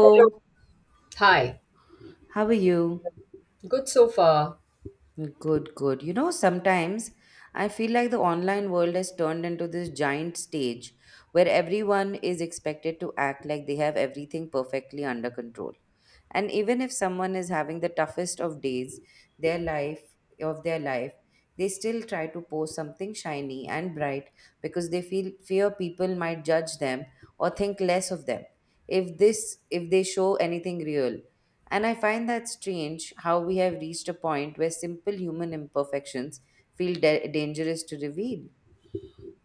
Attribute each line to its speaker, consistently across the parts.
Speaker 1: Hello. Hi.
Speaker 2: how are you?
Speaker 1: Good so far.
Speaker 2: Good, good. You know, sometimes I feel like the online world has turned into this giant stage where everyone is expected to act like they have everything perfectly under control. And even if someone is having the toughest of days, their life their life, they still try to post something shiny and bright because they feel fear people might judge them or think less of them if they show anything real. And I find that strange how we have reached a point where simple human imperfections feel dangerous to reveal.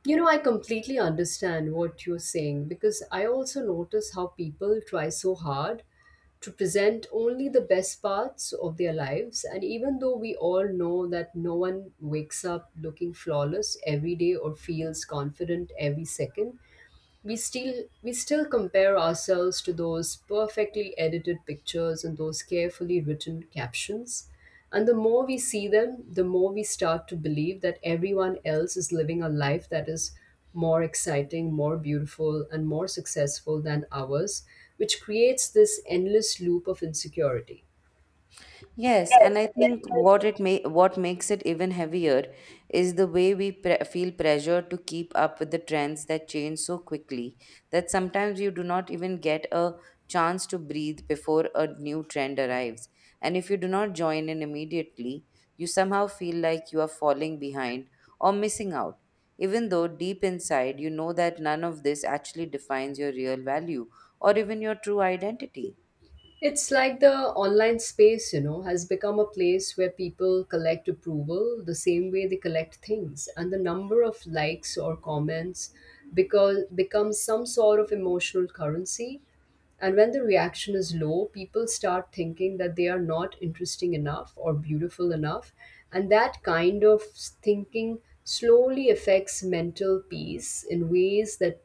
Speaker 1: You know, I completely understand what you're saying because I also notice how people try so hard to present only the best parts of their lives. And even though we all know that no one wakes up looking flawless every day or feels confident every second, we still compare ourselves to those perfectly edited pictures and those carefully written captions, and the more we see them the more we start to believe that everyone else is living a life that is more exciting, more beautiful, and more successful than ours, which creates this endless loop of insecurity.
Speaker 2: Yes, and I think what makes it even heavier is the way we feel pressure to keep up with the trends that change so quickly that sometimes you do not even get a chance to breathe before a new trend arrives. And if you do not join in immediately, you somehow feel like you are falling behind or missing out, even though deep inside you know that none of this actually defines your real value or even your true identity.
Speaker 1: It's like the online space, you know, has become a place where people collect approval the same way they collect things. And the number of likes or comments because becomes some sort of emotional currency. And when the reaction is low, people start thinking that they are not interesting enough or beautiful enough. And that kind of thinking slowly affects mental peace in ways that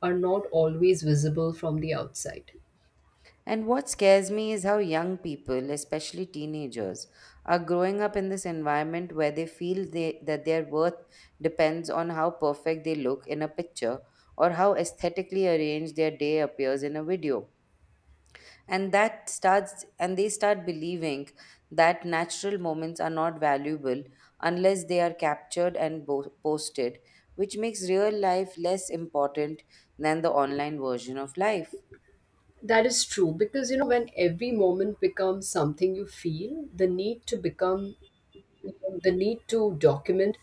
Speaker 1: are not always visible from the outside.
Speaker 2: And what scares me is how young people, especially teenagers, are growing up in this environment where that their worth depends on how perfect they look in a picture or how aesthetically arranged their day appears in a video. And they start believing that natural moments are not valuable unless they are captured and posted, which makes real life less important than the online version of life.
Speaker 1: That is true because, you know, when every moment becomes something you feel, the need to become, the need to document,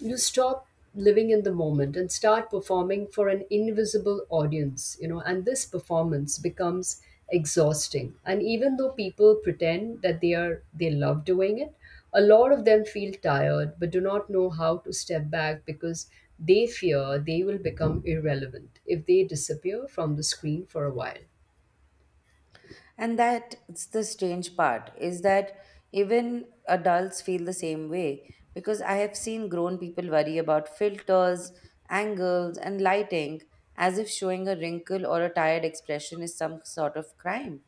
Speaker 1: you stop living in the moment and start performing for an invisible audience, you know, and this performance becomes exhausting. And even though people pretend that they love doing it, a lot of them feel tired but do not know how to step back because they fear they will become irrelevant if they disappear from the screen for a while.
Speaker 2: And that's the strange part is that even adults feel the same way because I have seen grown people worry about filters, angles, and lighting as if showing a wrinkle or a tired expression is some sort of crime.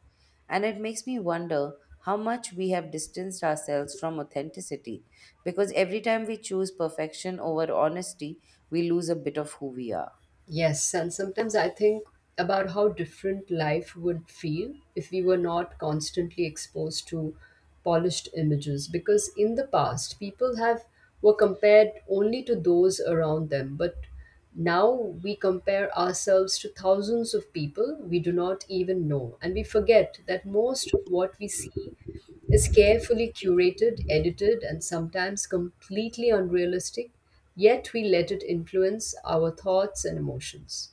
Speaker 2: And it makes me wonder how much we have distanced ourselves from authenticity because every time we choose perfection over honesty, we lose a bit of who we are.
Speaker 1: Yes, and sometimes I think about how different life would feel if we were not constantly exposed to polished images, because in the past people have were compared only to those around them, but now we compare ourselves to thousands of people we do not even know, and we forget that most of what we see is carefully curated, edited, and sometimes completely unrealistic, yet we let it influence our thoughts and emotions.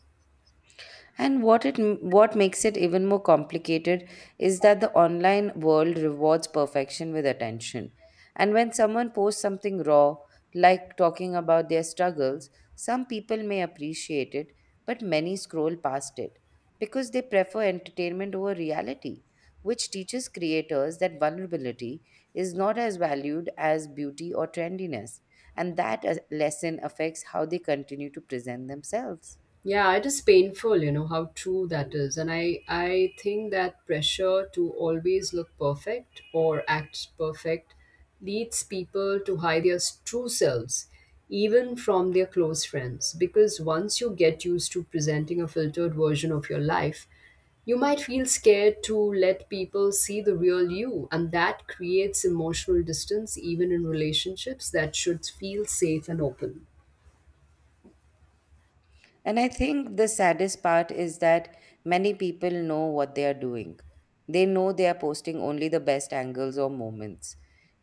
Speaker 2: And what makes it even more complicated is that the online world rewards perfection with attention. And when someone posts something raw, like talking about their struggles, some people may appreciate it, but many scroll past it because they prefer entertainment over reality, which teaches creators that vulnerability is not as valued as beauty or trendiness. And that lesson affects how they continue to present themselves.
Speaker 1: Yeah, it is painful, you know, how true that is. And I think that pressure to always look perfect or act perfect leads people to hide their true selves, even from their close friends. Because once you get used to presenting a filtered version of your life, you might feel scared to let people see the real you. And that creates emotional distance, even in relationships that should feel safe and open.
Speaker 2: And I think the saddest part is that many people know what they are doing. They know they are posting only the best angles or moments.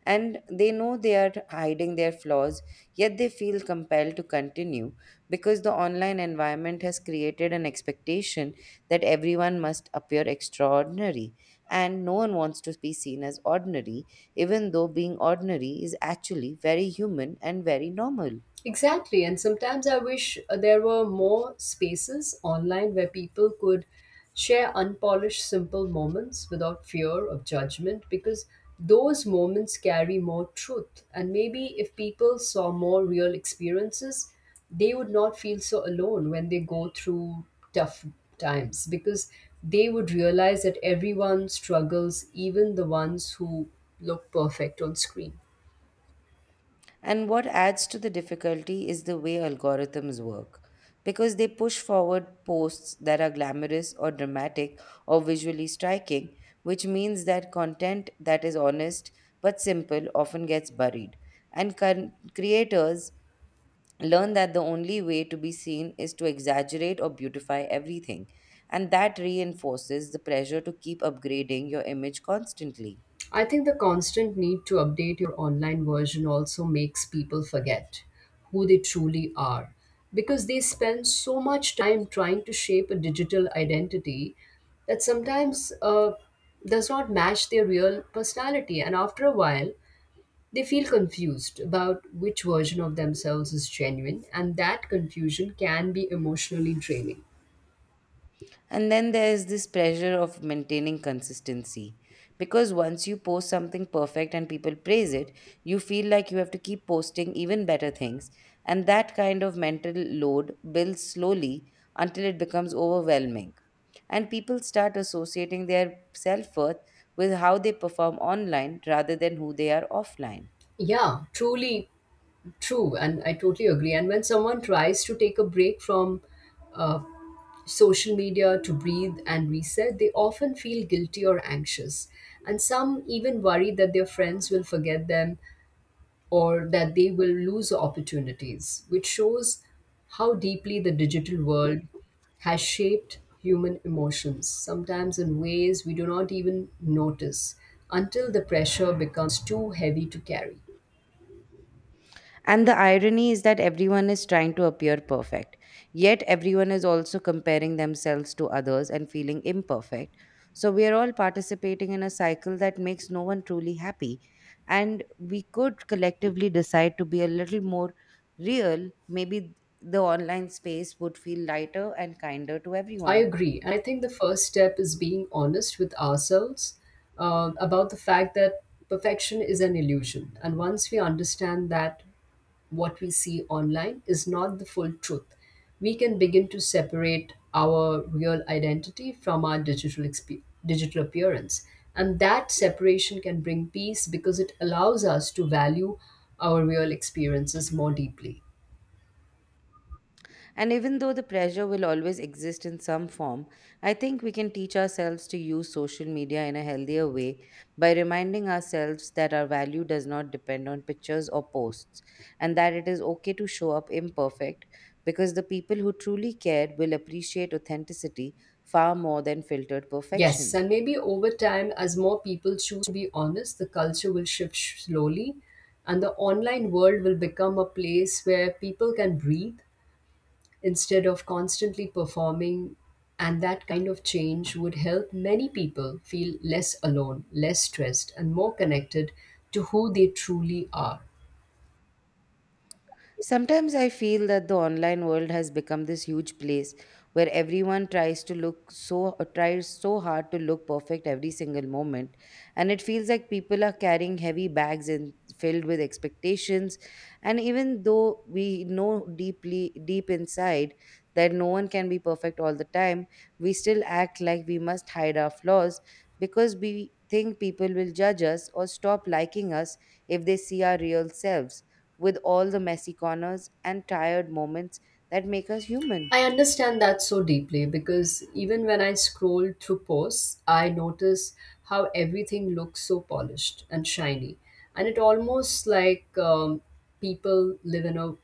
Speaker 2: And they know they are hiding their flaws, yet they feel compelled to continue because the online environment has created an expectation that everyone must appear extraordinary. And no one wants to be seen as ordinary, even though being ordinary is actually very human and very normal.
Speaker 1: Exactly, and sometimes I wish there were more spaces online where people could share unpolished, simple moments without fear of judgment, because those moments carry more truth. And maybe if people saw more real experiences, they would not feel so alone when they go through tough times, because they would realize that everyone struggles, even the ones who look perfect on screen.
Speaker 2: And what adds to the difficulty is the way algorithms work, because they push forward posts that are glamorous or dramatic or visually striking, which means that content that is honest but simple often gets buried. And creators learn that the only way to be seen is to exaggerate or beautify everything. And that reinforces the pressure to keep upgrading your image constantly.
Speaker 1: I think the constant need to update your online version also makes people forget who they truly are, because they spend so much time trying to shape a digital identity that sometimes does not match their real personality. And after a while, they feel confused about which version of themselves is genuine, and that confusion can be emotionally draining.
Speaker 2: And then there is this pressure of maintaining consistency. Because once you post something perfect and people praise it, you feel like you have to keep posting even better things. And that kind of mental load builds slowly until it becomes overwhelming. And people start associating their self worth with how they perform online rather than who they are offline.
Speaker 1: Yeah, truly true. And I totally agree. And when someone tries to take a break from uh, social media to breathe and reset, they often feel guilty or anxious. And some even worry that their friends will forget them or that they will lose opportunities, which shows how deeply the digital world has shaped human emotions, sometimes in ways we do not even notice until the pressure becomes too heavy to carry.
Speaker 2: And the irony is that everyone is trying to appear perfect, yet everyone is also comparing themselves to others and feeling imperfect. So we are all participating in a cycle that makes no one truly happy. And we could collectively decide to be a little more real. Maybe the online space would feel lighter and kinder to
Speaker 1: I
Speaker 2: everyone.
Speaker 1: agree. And I think the first step is being honest with ourselves about the fact that perfection is an illusion. And once we understand that what we see online is not the full truth, we can begin to separate our real identity from our digital, digital appearance. And that separation can bring peace because it allows us to value our real experiences more deeply.
Speaker 2: And even though the pressure will always exist in some form, I think we can teach ourselves to use social media in a healthier way by reminding ourselves that our value does not depend on pictures or posts and that it is okay to show up imperfect because the people who truly care will appreciate authenticity far more than filtered
Speaker 1: Yes,
Speaker 2: perfection.
Speaker 1: and maybe over time, as more people choose to be honest, the culture will shift slowly, and the online world will become a place where people can breathe instead of constantly performing. And that kind of change would help many people feel less alone, less stressed, and more connected to who they truly are.
Speaker 2: Sometimes I feel that the online world has become this huge place where everyone tries so hard to look perfect every single moment, and it feels like people are carrying heavy bags and filled with expectations, and even though we know deep inside that no one can be perfect all the time, we still act like we must hide our flaws because we think people will judge us or stop liking us if they see our real selves with all the messy corners and tired moments that make us human.
Speaker 1: I understand that so deeply because even when I scroll through posts, I notice how everything looks so polished and shiny. And it almost like people live in a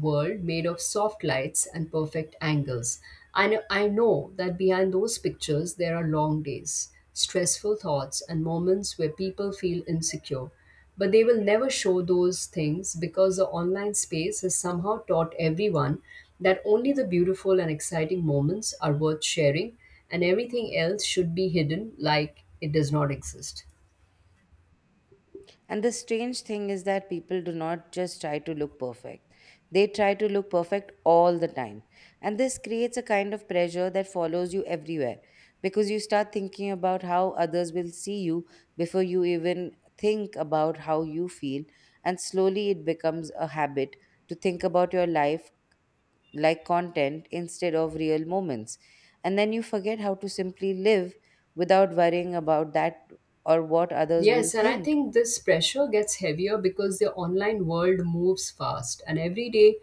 Speaker 1: world made of soft lights and perfect angles. I know that behind those pictures, there are long days, stressful thoughts, and moments where people feel insecure. But they will never show those things because the online space has somehow taught everyone that only the beautiful and exciting moments are worth sharing, and everything else should be hidden like it does not exist.
Speaker 2: And the strange thing is that people do not just try to look perfect, they try to look perfect all the time. And this creates a kind of pressure that follows you everywhere because you start thinking about how others will see you before you even think about how you feel. And slowly it becomes a habit to think about your life like content instead of real moments. And then you forget how to simply live without worrying about that or what others will
Speaker 1: Yes, and I
Speaker 2: think.
Speaker 1: think this pressure gets heavier because the online world moves fast, and every day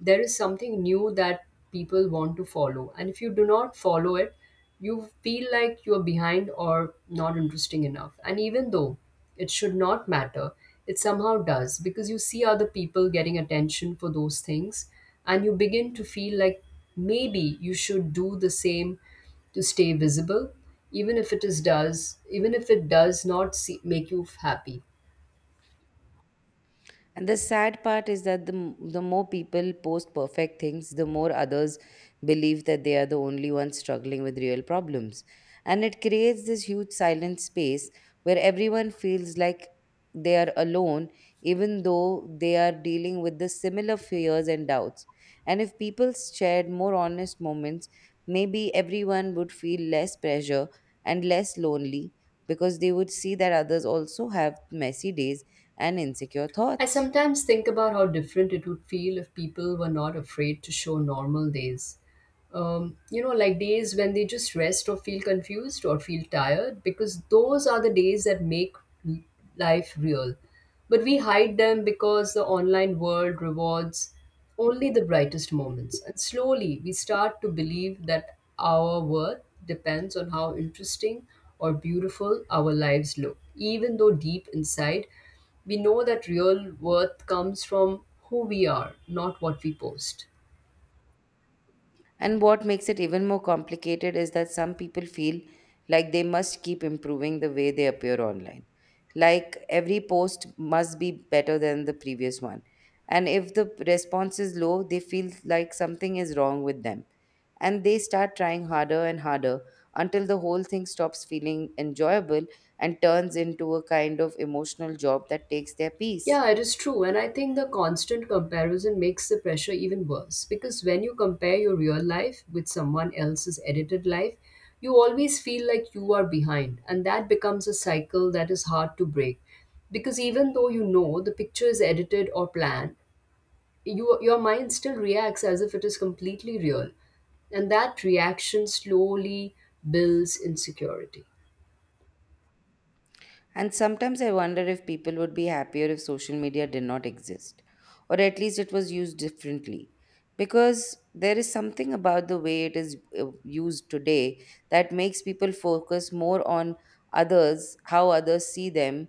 Speaker 1: there is something new that people want to follow. And if you do not follow it, you feel like you're behind or not interesting enough. And even though it should not matter, it somehow does because you see other people getting attention for those things, and you begin to feel like maybe you should do the same to stay visible, even if it is does even if it does not make you happy.
Speaker 2: And the sad part is that the more people post perfect things, the more others believe that they are the only ones struggling with real problems. And it creates this huge silent space where everyone feels like they are alone, even though they are dealing with the similar fears and doubts. And if people shared more honest moments, maybe everyone would feel less pressure and less lonely because they would see that others also have messy days and insecure
Speaker 1: I
Speaker 2: thoughts.
Speaker 1: sometimes think about how different it would feel if people were not afraid to show normal days. You know, like days when they just rest or feel confused or feel tired, because those are the days that make l- life real. But we hide them because the online world rewards only the brightest moments. And slowly we start to believe that our worth depends on how interesting or beautiful our lives look, even though deep inside we know that real worth comes from who we are, not what we post.
Speaker 2: And what makes it even more complicated is that some people feel like they must keep improving the way they appear online. Like every post must be better than the previous one. And if the response is low, they feel like something is wrong with them. And they start trying harder and harder until the whole thing stops feeling enjoyable and turns into a kind of emotional job that takes their peace.
Speaker 1: Yeah, it is true. And I think the constant comparison makes the pressure even worse because when you compare your real life with someone else's edited life, you always feel like you are behind. And that becomes a cycle that is hard to break because even though you know the picture is edited or planned, your mind still reacts as if it is completely real. And that reaction slowly builds insecurity.
Speaker 2: And sometimes I wonder if people would be happier if social media did not exist, or at least it was used differently. Because there is something about the way it is used today that makes people focus more on others, how others see them,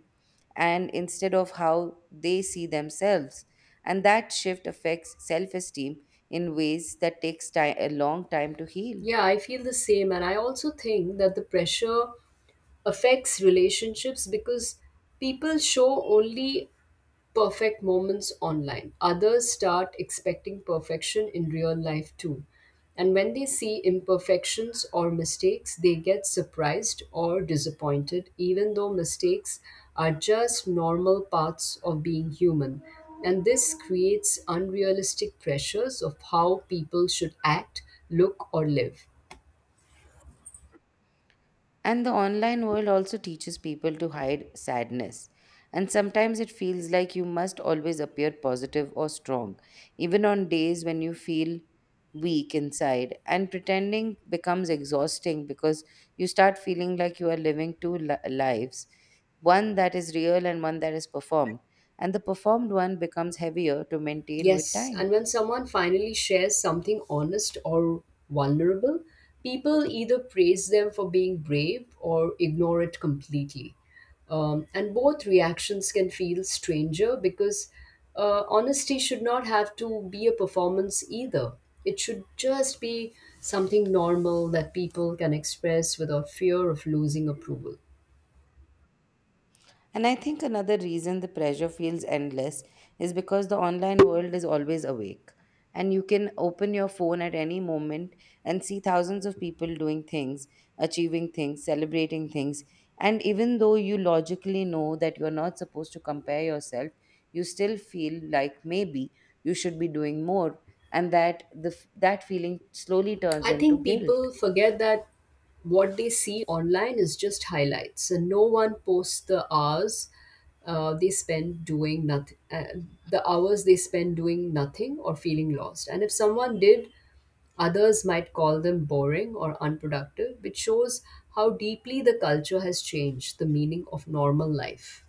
Speaker 2: and instead of how they see themselves. And that shift affects self esteem in ways that takes time, a long time to heal.
Speaker 1: Yeah, I feel the same. And I also think that the pressure affects relationships because people show only perfect moments online. Others start expecting perfection in real life too. And when they see imperfections or mistakes, they get surprised or disappointed, even though mistakes are just normal parts of being human. And this creates unrealistic pressures of how people should act, look, or live.
Speaker 2: And the online world also teaches people to hide sadness. And sometimes it feels like you must always appear positive or strong, even on days when you feel weak inside. And pretending becomes exhausting because you start feeling like you are living lives, one that is real and one that is performed. And the performed one becomes heavier to maintain with
Speaker 1: Yes,
Speaker 2: time.
Speaker 1: and when someone finally shares something honest or vulnerable, people either praise them for being brave or ignore it completely. And both reactions can feel stranger because honesty should not have to be a performance either. It should just be something normal that people can express without fear of losing approval.
Speaker 2: And I think another reason the pressure feels endless is because the online world is always awake. And you can open your phone at any moment and see thousands of people doing things, achieving things, celebrating things. And even though you logically know that you're not supposed to compare yourself, you still feel like maybe you should be doing more. And that feeling slowly turns
Speaker 1: I
Speaker 2: into
Speaker 1: think
Speaker 2: guilt.
Speaker 1: people forget that what they see online is just highlights, and no one posts the hours uh, they spend doing nothing, uh, the hours they spend doing nothing or feeling lost. And if someone did, others might call them boring or unproductive, which shows how deeply the culture has changed the meaning of normal life.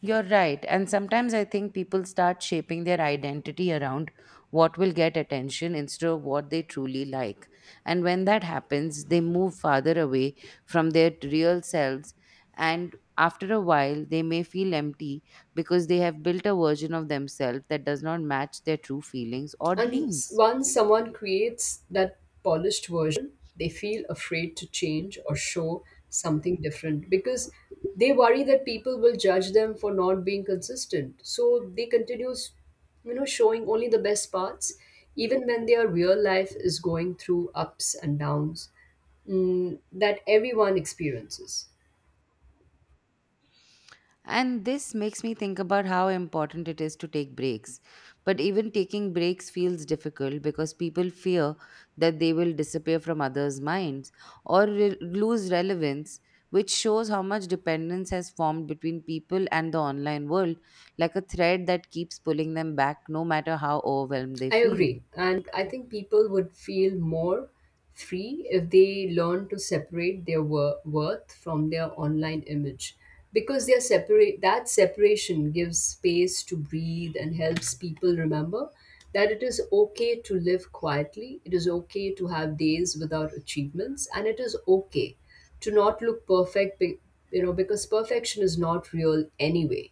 Speaker 2: You're right. And sometimes I think people start shaping their identity around what will get attention instead of what they truly like. And when that happens, they move farther away from their real selves. And after a while, they may feel empty because they have built a version of themselves that does not match their true feelings or
Speaker 1: And
Speaker 2: dreams.
Speaker 1: once someone creates that polished version, they feel afraid to change or show something different because they worry that people will judge them for not being consistent. So they continue, you know, showing only the best parts, even when their real life is going through ups and downs, that everyone experiences.
Speaker 2: And this makes me think about how important it is to take breaks. But even taking breaks feels difficult because people fear that they will disappear from others' minds or lose relevance, which shows how much dependence has formed between people and the online world, like a thread that keeps pulling them back no matter how overwhelmed they
Speaker 1: I
Speaker 2: feel.
Speaker 1: agree. And I think people would feel more free if they learn to separate their worth from their online image because they separate that separation gives space to breathe and helps people remember that it is okay to live quietly, it is okay to have days without achievements, and it is okay to not look perfect, you know, because perfection is not real anyway.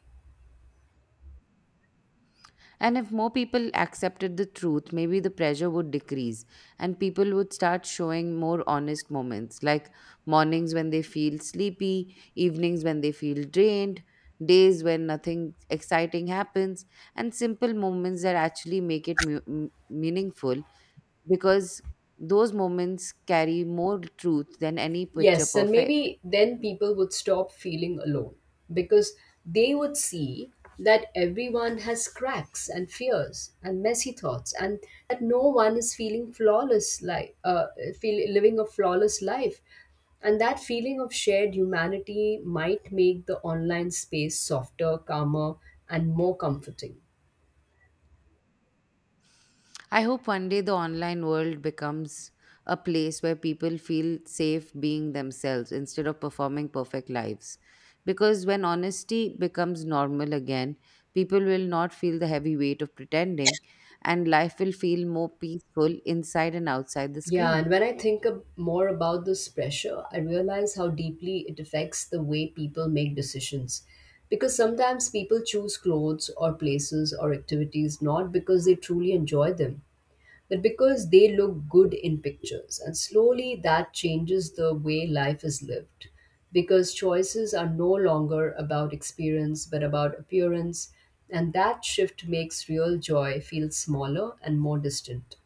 Speaker 2: And if more people accepted the truth, maybe the pressure would decrease and people would start showing more honest moments, like mornings when they feel sleepy, evenings when they feel drained, days when nothing exciting happens, and simple moments that actually make it meaningful because those moments carry more truth than any picture
Speaker 1: Yes, and
Speaker 2: perfect.
Speaker 1: maybe then people would stop feeling alone because they would see that everyone has cracks and fears and messy thoughts, and that no one is feeling flawless, like living a flawless life, and that feeling of shared humanity might make the online space softer, calmer, and more comforting.
Speaker 2: I hope one day the online world becomes a place where people feel safe being themselves instead of performing perfect lives. Because when honesty becomes normal again, people will not feel the heavy weight of pretending and life will feel more peaceful inside and outside the
Speaker 1: Yeah,
Speaker 2: screen.
Speaker 1: and when I think more about this pressure, I realize how deeply it affects the way people make decisions. Because sometimes people choose clothes or places or activities not because they truly enjoy them, but because they look good in pictures. And slowly that changes the way life is lived. Because choices are no longer about experience, but about appearance. And that shift makes real joy feel smaller and more distant.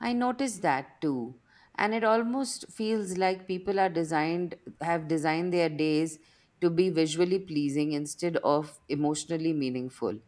Speaker 2: I noticed that too. And it almost feels like have designed their days to be visually pleasing instead of emotionally meaningful.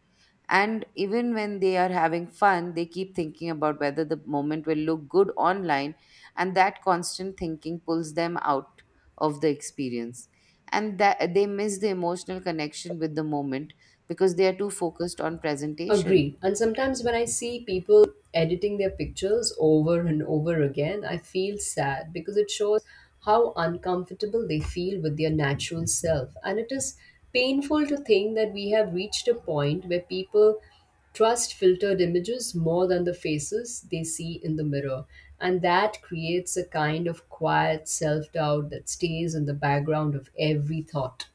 Speaker 2: And even when they are having fun, they keep thinking about whether the moment will look good online. And that constant thinking pulls them out of the experience. And that they miss the emotional connection with the moment because they are too focused on presentation.
Speaker 1: Agree. And sometimes when I see people editing their pictures over and over again, I feel sad because it shows how uncomfortable they feel with their natural self. And it is painful to think that we have reached a point where people trust filtered images more than the faces they see in the mirror. And that creates a kind of quiet self doubt that stays in the background of every thought.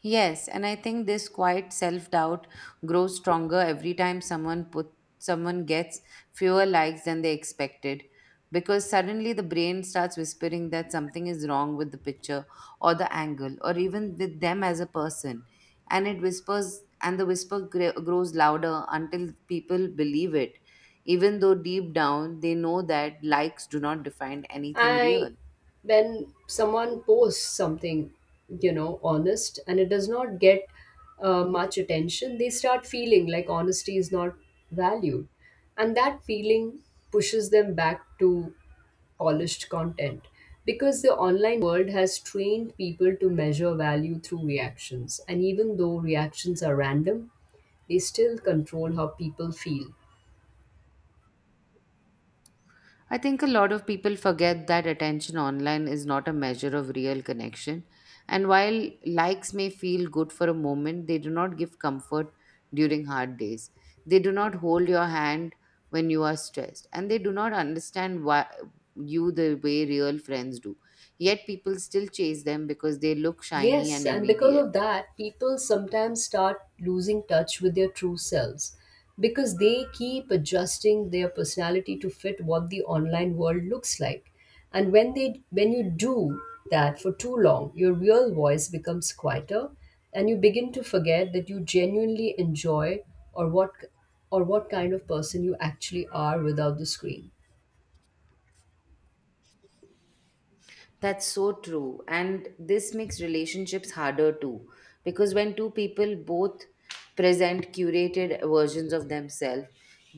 Speaker 2: Yes, and I think this quiet self-doubt grows stronger every time someone gets fewer likes than they expected, because suddenly the brain starts whispering that something is wrong with the picture or the angle or even with them as a person. And it whispers, and the grows louder until people believe it, even though deep down they know that likes do not define anything
Speaker 1: I
Speaker 2: real.
Speaker 1: when someone posts something, you know, honest and it does not get much attention, they start feeling like honesty is not valued, and that feeling pushes them back to polished content because the online world has trained people to measure value through reactions, and even though reactions are random, they still control how people feel.
Speaker 2: I think a lot of people forget that attention online is not a measure of real connection. And while likes may feel good for a moment, they do not give comfort during hard days. They do not hold your hand when you are stressed. And they do not understand why you, the way real friends do. Yet people still chase them because they look shiny
Speaker 1: Yes,
Speaker 2: and
Speaker 1: and because of
Speaker 2: immediate.
Speaker 1: that, people sometimes start losing touch with their true selves because they keep adjusting their personality to fit what the online world looks like. And when you do that for too long, your real voice becomes quieter and you begin to forget that you genuinely enjoy or what or what kind of person you actually are without the screen.
Speaker 2: That's so true. And this makes relationships harder too. Because when two people both present curated versions of themselves,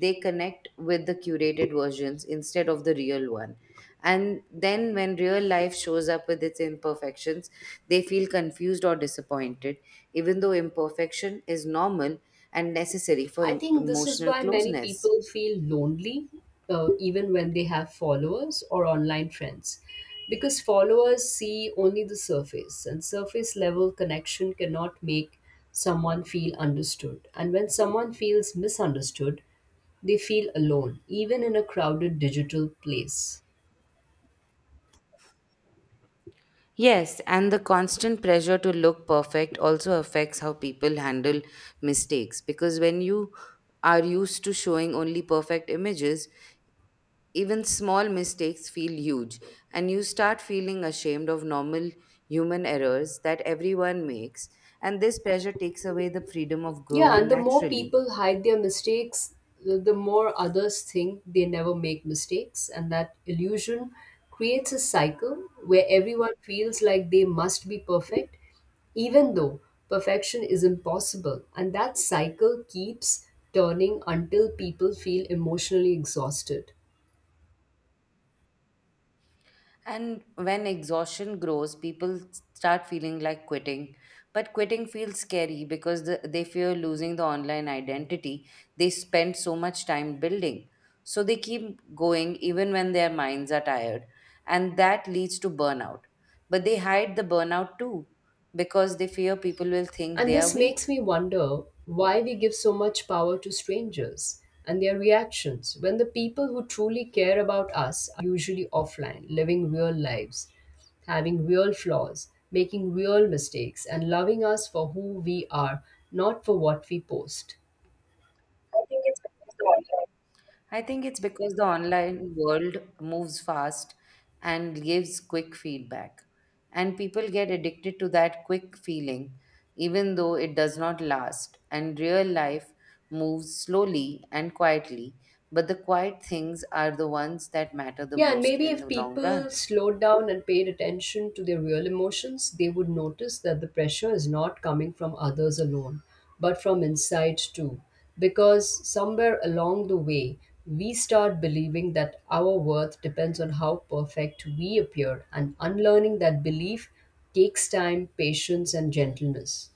Speaker 2: they connect with the curated versions instead of the real one. And then when real life shows up with its imperfections, they feel confused or disappointed, even though imperfection is normal and necessary for
Speaker 1: I think this is
Speaker 2: emotional
Speaker 1: why many
Speaker 2: closeness.
Speaker 1: people feel lonely, even when they have followers or online friends, because followers see only the surface, and surface level connection cannot make someone feel understood. And when someone feels misunderstood, they feel alone, even in a crowded digital place.
Speaker 2: Yes, and the constant pressure to look perfect also affects how people handle mistakes, because when you are used to showing only perfect images, even small mistakes feel huge, and you start feeling ashamed of normal human errors that everyone makes, and this pressure takes away the freedom of
Speaker 1: Yeah, and
Speaker 2: growing
Speaker 1: the more
Speaker 2: naturally.
Speaker 1: people hide their mistakes, the more others think they never make mistakes. And that illusion creates a cycle where everyone feels like they must be perfect, even though perfection is impossible. And that cycle keeps turning until people feel emotionally exhausted.
Speaker 2: And when exhaustion grows, people start feeling like quitting. But quitting feels scary because they fear losing the online identity they spent so much time building. So they keep going even when their minds are tired. And that leads to burnout. But they hide the burnout too because they fear people will think
Speaker 1: And
Speaker 2: they are
Speaker 1: this makes
Speaker 2: weak.
Speaker 1: me wonder why we give so much power to strangers and their reactions when the people who truly care about us are usually offline, living real lives, having real flaws, making real mistakes, and loving us for who we are, not for what we post. I think it's because the online.
Speaker 2: I think it's because the online world moves fast and gives quick feedback. And people get addicted to that quick feeling, even though it does not last. And real life moves slowly and quietly, but the quiet things are the ones that matter the
Speaker 1: Yeah, and
Speaker 2: most
Speaker 1: maybe
Speaker 2: in
Speaker 1: if
Speaker 2: the long
Speaker 1: people
Speaker 2: run.
Speaker 1: slowed down and paid attention to their real emotions, they would notice that the pressure is not coming from others alone, but from inside too. Because somewhere along the way, we start believing that our worth depends on how perfect we appear, and unlearning that belief takes time, patience, and gentleness.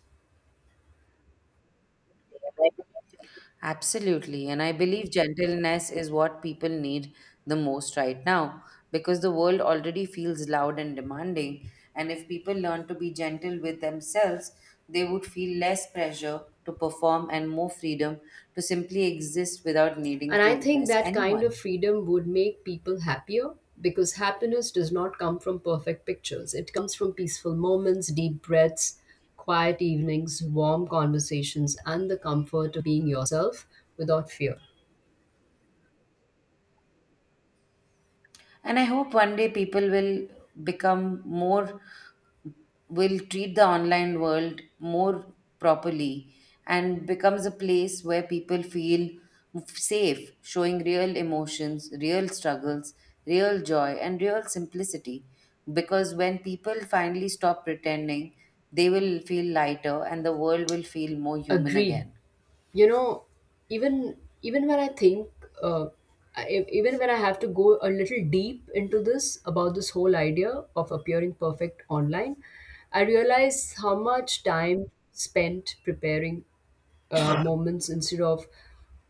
Speaker 2: Absolutely. And I believe gentleness is what people need the most right now, because the world already feels loud and demanding. And if people learn to be gentle with themselves, they would feel less pressure to perform and more freedom to simply exist without needing
Speaker 1: And
Speaker 2: to
Speaker 1: I think
Speaker 2: impress
Speaker 1: that kind
Speaker 2: anyone.
Speaker 1: of freedom would make people happier because happiness does not come from perfect pictures. It comes from peaceful moments, deep breaths, quiet evenings, warm conversations, and the comfort of being yourself without fear.
Speaker 2: And I hope one day people will become more, will treat the online world more properly and becomes a place where people feel safe, showing real emotions, real struggles, real joy, and real simplicity. Because when people finally stop pretending, they will feel lighter and the world will feel more human
Speaker 1: Agree.
Speaker 2: again.
Speaker 1: You know, even when I think, uh, even when I have to go a little deep into this about this whole idea of appearing perfect online, I realize how much time spent preparing moments instead of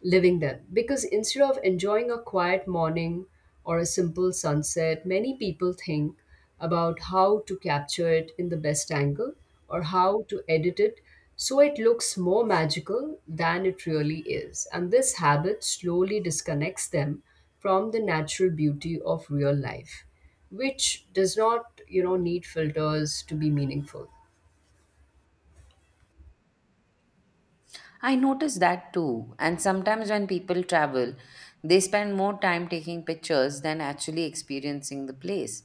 Speaker 1: living them. Because instead of enjoying a quiet morning or a simple sunset, many people think about how to capture it in the best angle or how to edit it so it looks more magical than it really is. And this habit slowly disconnects them from the natural beauty of real life, which does not, you know, need filters to be meaningful.
Speaker 2: I notice that too. And sometimes when people travel, they spend more time taking pictures than actually experiencing the place.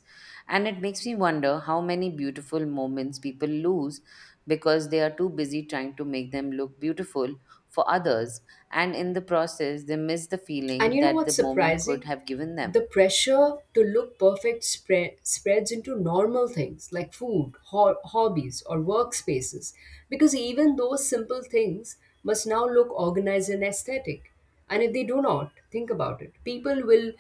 Speaker 2: And it makes me wonder how many beautiful moments people lose because they are too busy trying to make them look beautiful for others. And in the process, they miss the
Speaker 1: And
Speaker 2: feeling
Speaker 1: you know
Speaker 2: that the
Speaker 1: what's
Speaker 2: moment could
Speaker 1: surprising?
Speaker 2: have given them.
Speaker 1: The pressure to look perfect spreads into normal things like food, hobbies, or workspaces, because even those simple things must now look organized and aesthetic. And if they do not, think about it, people will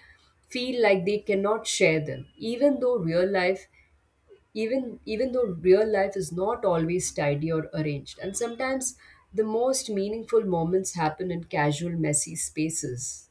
Speaker 1: feel like they cannot share them, even though real life even even though real life is not always tidy or arranged, and sometimes the most meaningful moments happen in casual messy spaces.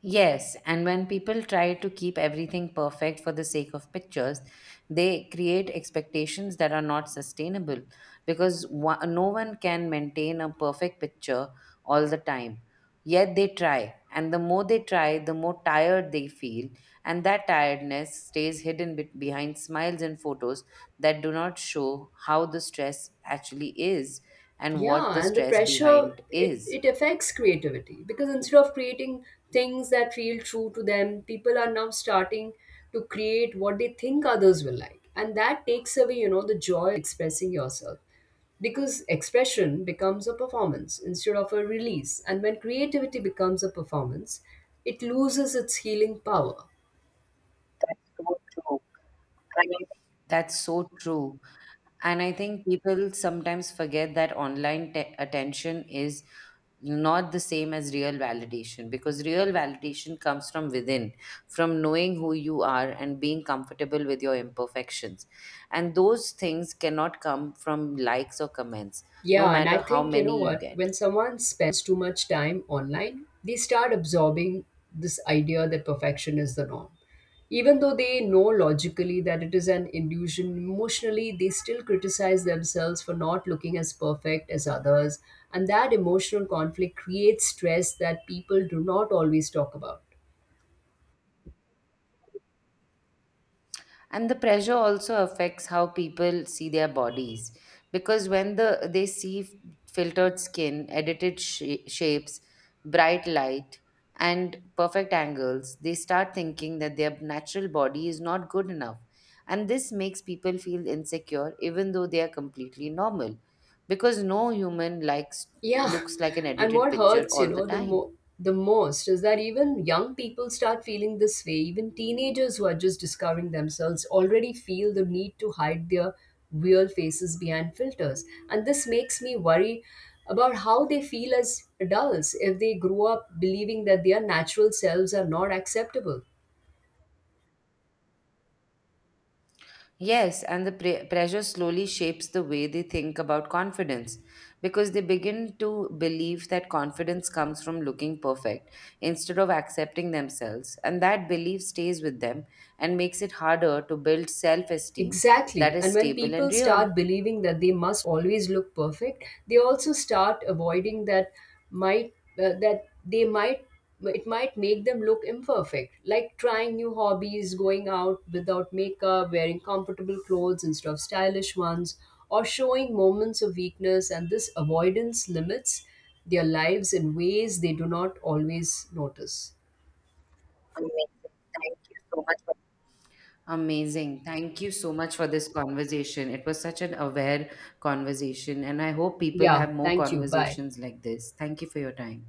Speaker 2: Yes, and when people try to keep everything perfect for the sake of pictures, they create expectations that are not sustainable because no one can maintain a perfect picture all the time. Yet they try, and the more they try, the more tired they feel, and that tiredness stays hidden behind smiles and photos that do not show how the stress actually is and what the
Speaker 1: Yeah, and the
Speaker 2: stress
Speaker 1: pressure
Speaker 2: behind
Speaker 1: it,
Speaker 2: is.
Speaker 1: it affects creativity because instead of creating things that feel true to them, people are now starting to create what they think others will like. And that takes away, you know, the joy of expressing yourself. Because expression becomes a performance instead of a release. And when creativity becomes a performance, it loses its healing power.
Speaker 2: That's so true. And I think people sometimes forget that online attention is not the same as real validation, because real validation comes from within, from knowing who you are and being comfortable with your imperfections. And those things cannot come from likes or comments, no
Speaker 1: Yeah, and I
Speaker 2: matter how
Speaker 1: think you know
Speaker 2: many you
Speaker 1: what?
Speaker 2: get.
Speaker 1: When someone spends too much time online, they start absorbing this idea that perfection is the norm. Even though they know logically that it is an illusion, emotionally they still criticize themselves for not looking as perfect as others, and that emotional conflict creates stress that people do not always talk about.
Speaker 2: And the pressure also affects how people see their bodies, because when they see filtered skin, edited shapes, bright light, and perfect angles, they start thinking that their natural body is not good enough, and this makes people feel insecure even though they are completely normal, because no human likes
Speaker 1: Yeah,
Speaker 2: looks like an
Speaker 1: and
Speaker 2: edited
Speaker 1: what
Speaker 2: picture
Speaker 1: hurts, you
Speaker 2: all the
Speaker 1: know,
Speaker 2: time.
Speaker 1: the most is that even young people start feeling this way. Even teenagers who are just discovering themselves already feel the need to hide their real faces behind filters. And this makes me worry about how they feel as adults if they grow up believing that their natural selves are not acceptable.
Speaker 2: Yes, and the pressure slowly shapes the way they think about confidence, because they begin to believe that confidence comes from looking perfect instead of accepting themselves. And that belief stays with them and makes it harder to build self esteem
Speaker 1: Exactly.
Speaker 2: that is
Speaker 1: And when
Speaker 2: stable
Speaker 1: people
Speaker 2: and real.
Speaker 1: start believing that they must always look perfect, they also start avoiding that might that they might it might make them look imperfect, like trying new hobbies, going out without makeup, wearing comfortable clothes instead of stylish ones, or showing moments of weakness. And this avoidance limits their lives in ways they do not always notice.
Speaker 2: Amazing. Thank you so much for this conversation. It was such an aware conversation, and I hope people
Speaker 1: Yeah,
Speaker 2: have more
Speaker 1: thank you. Bye.
Speaker 2: conversations like this. Thank you for your time.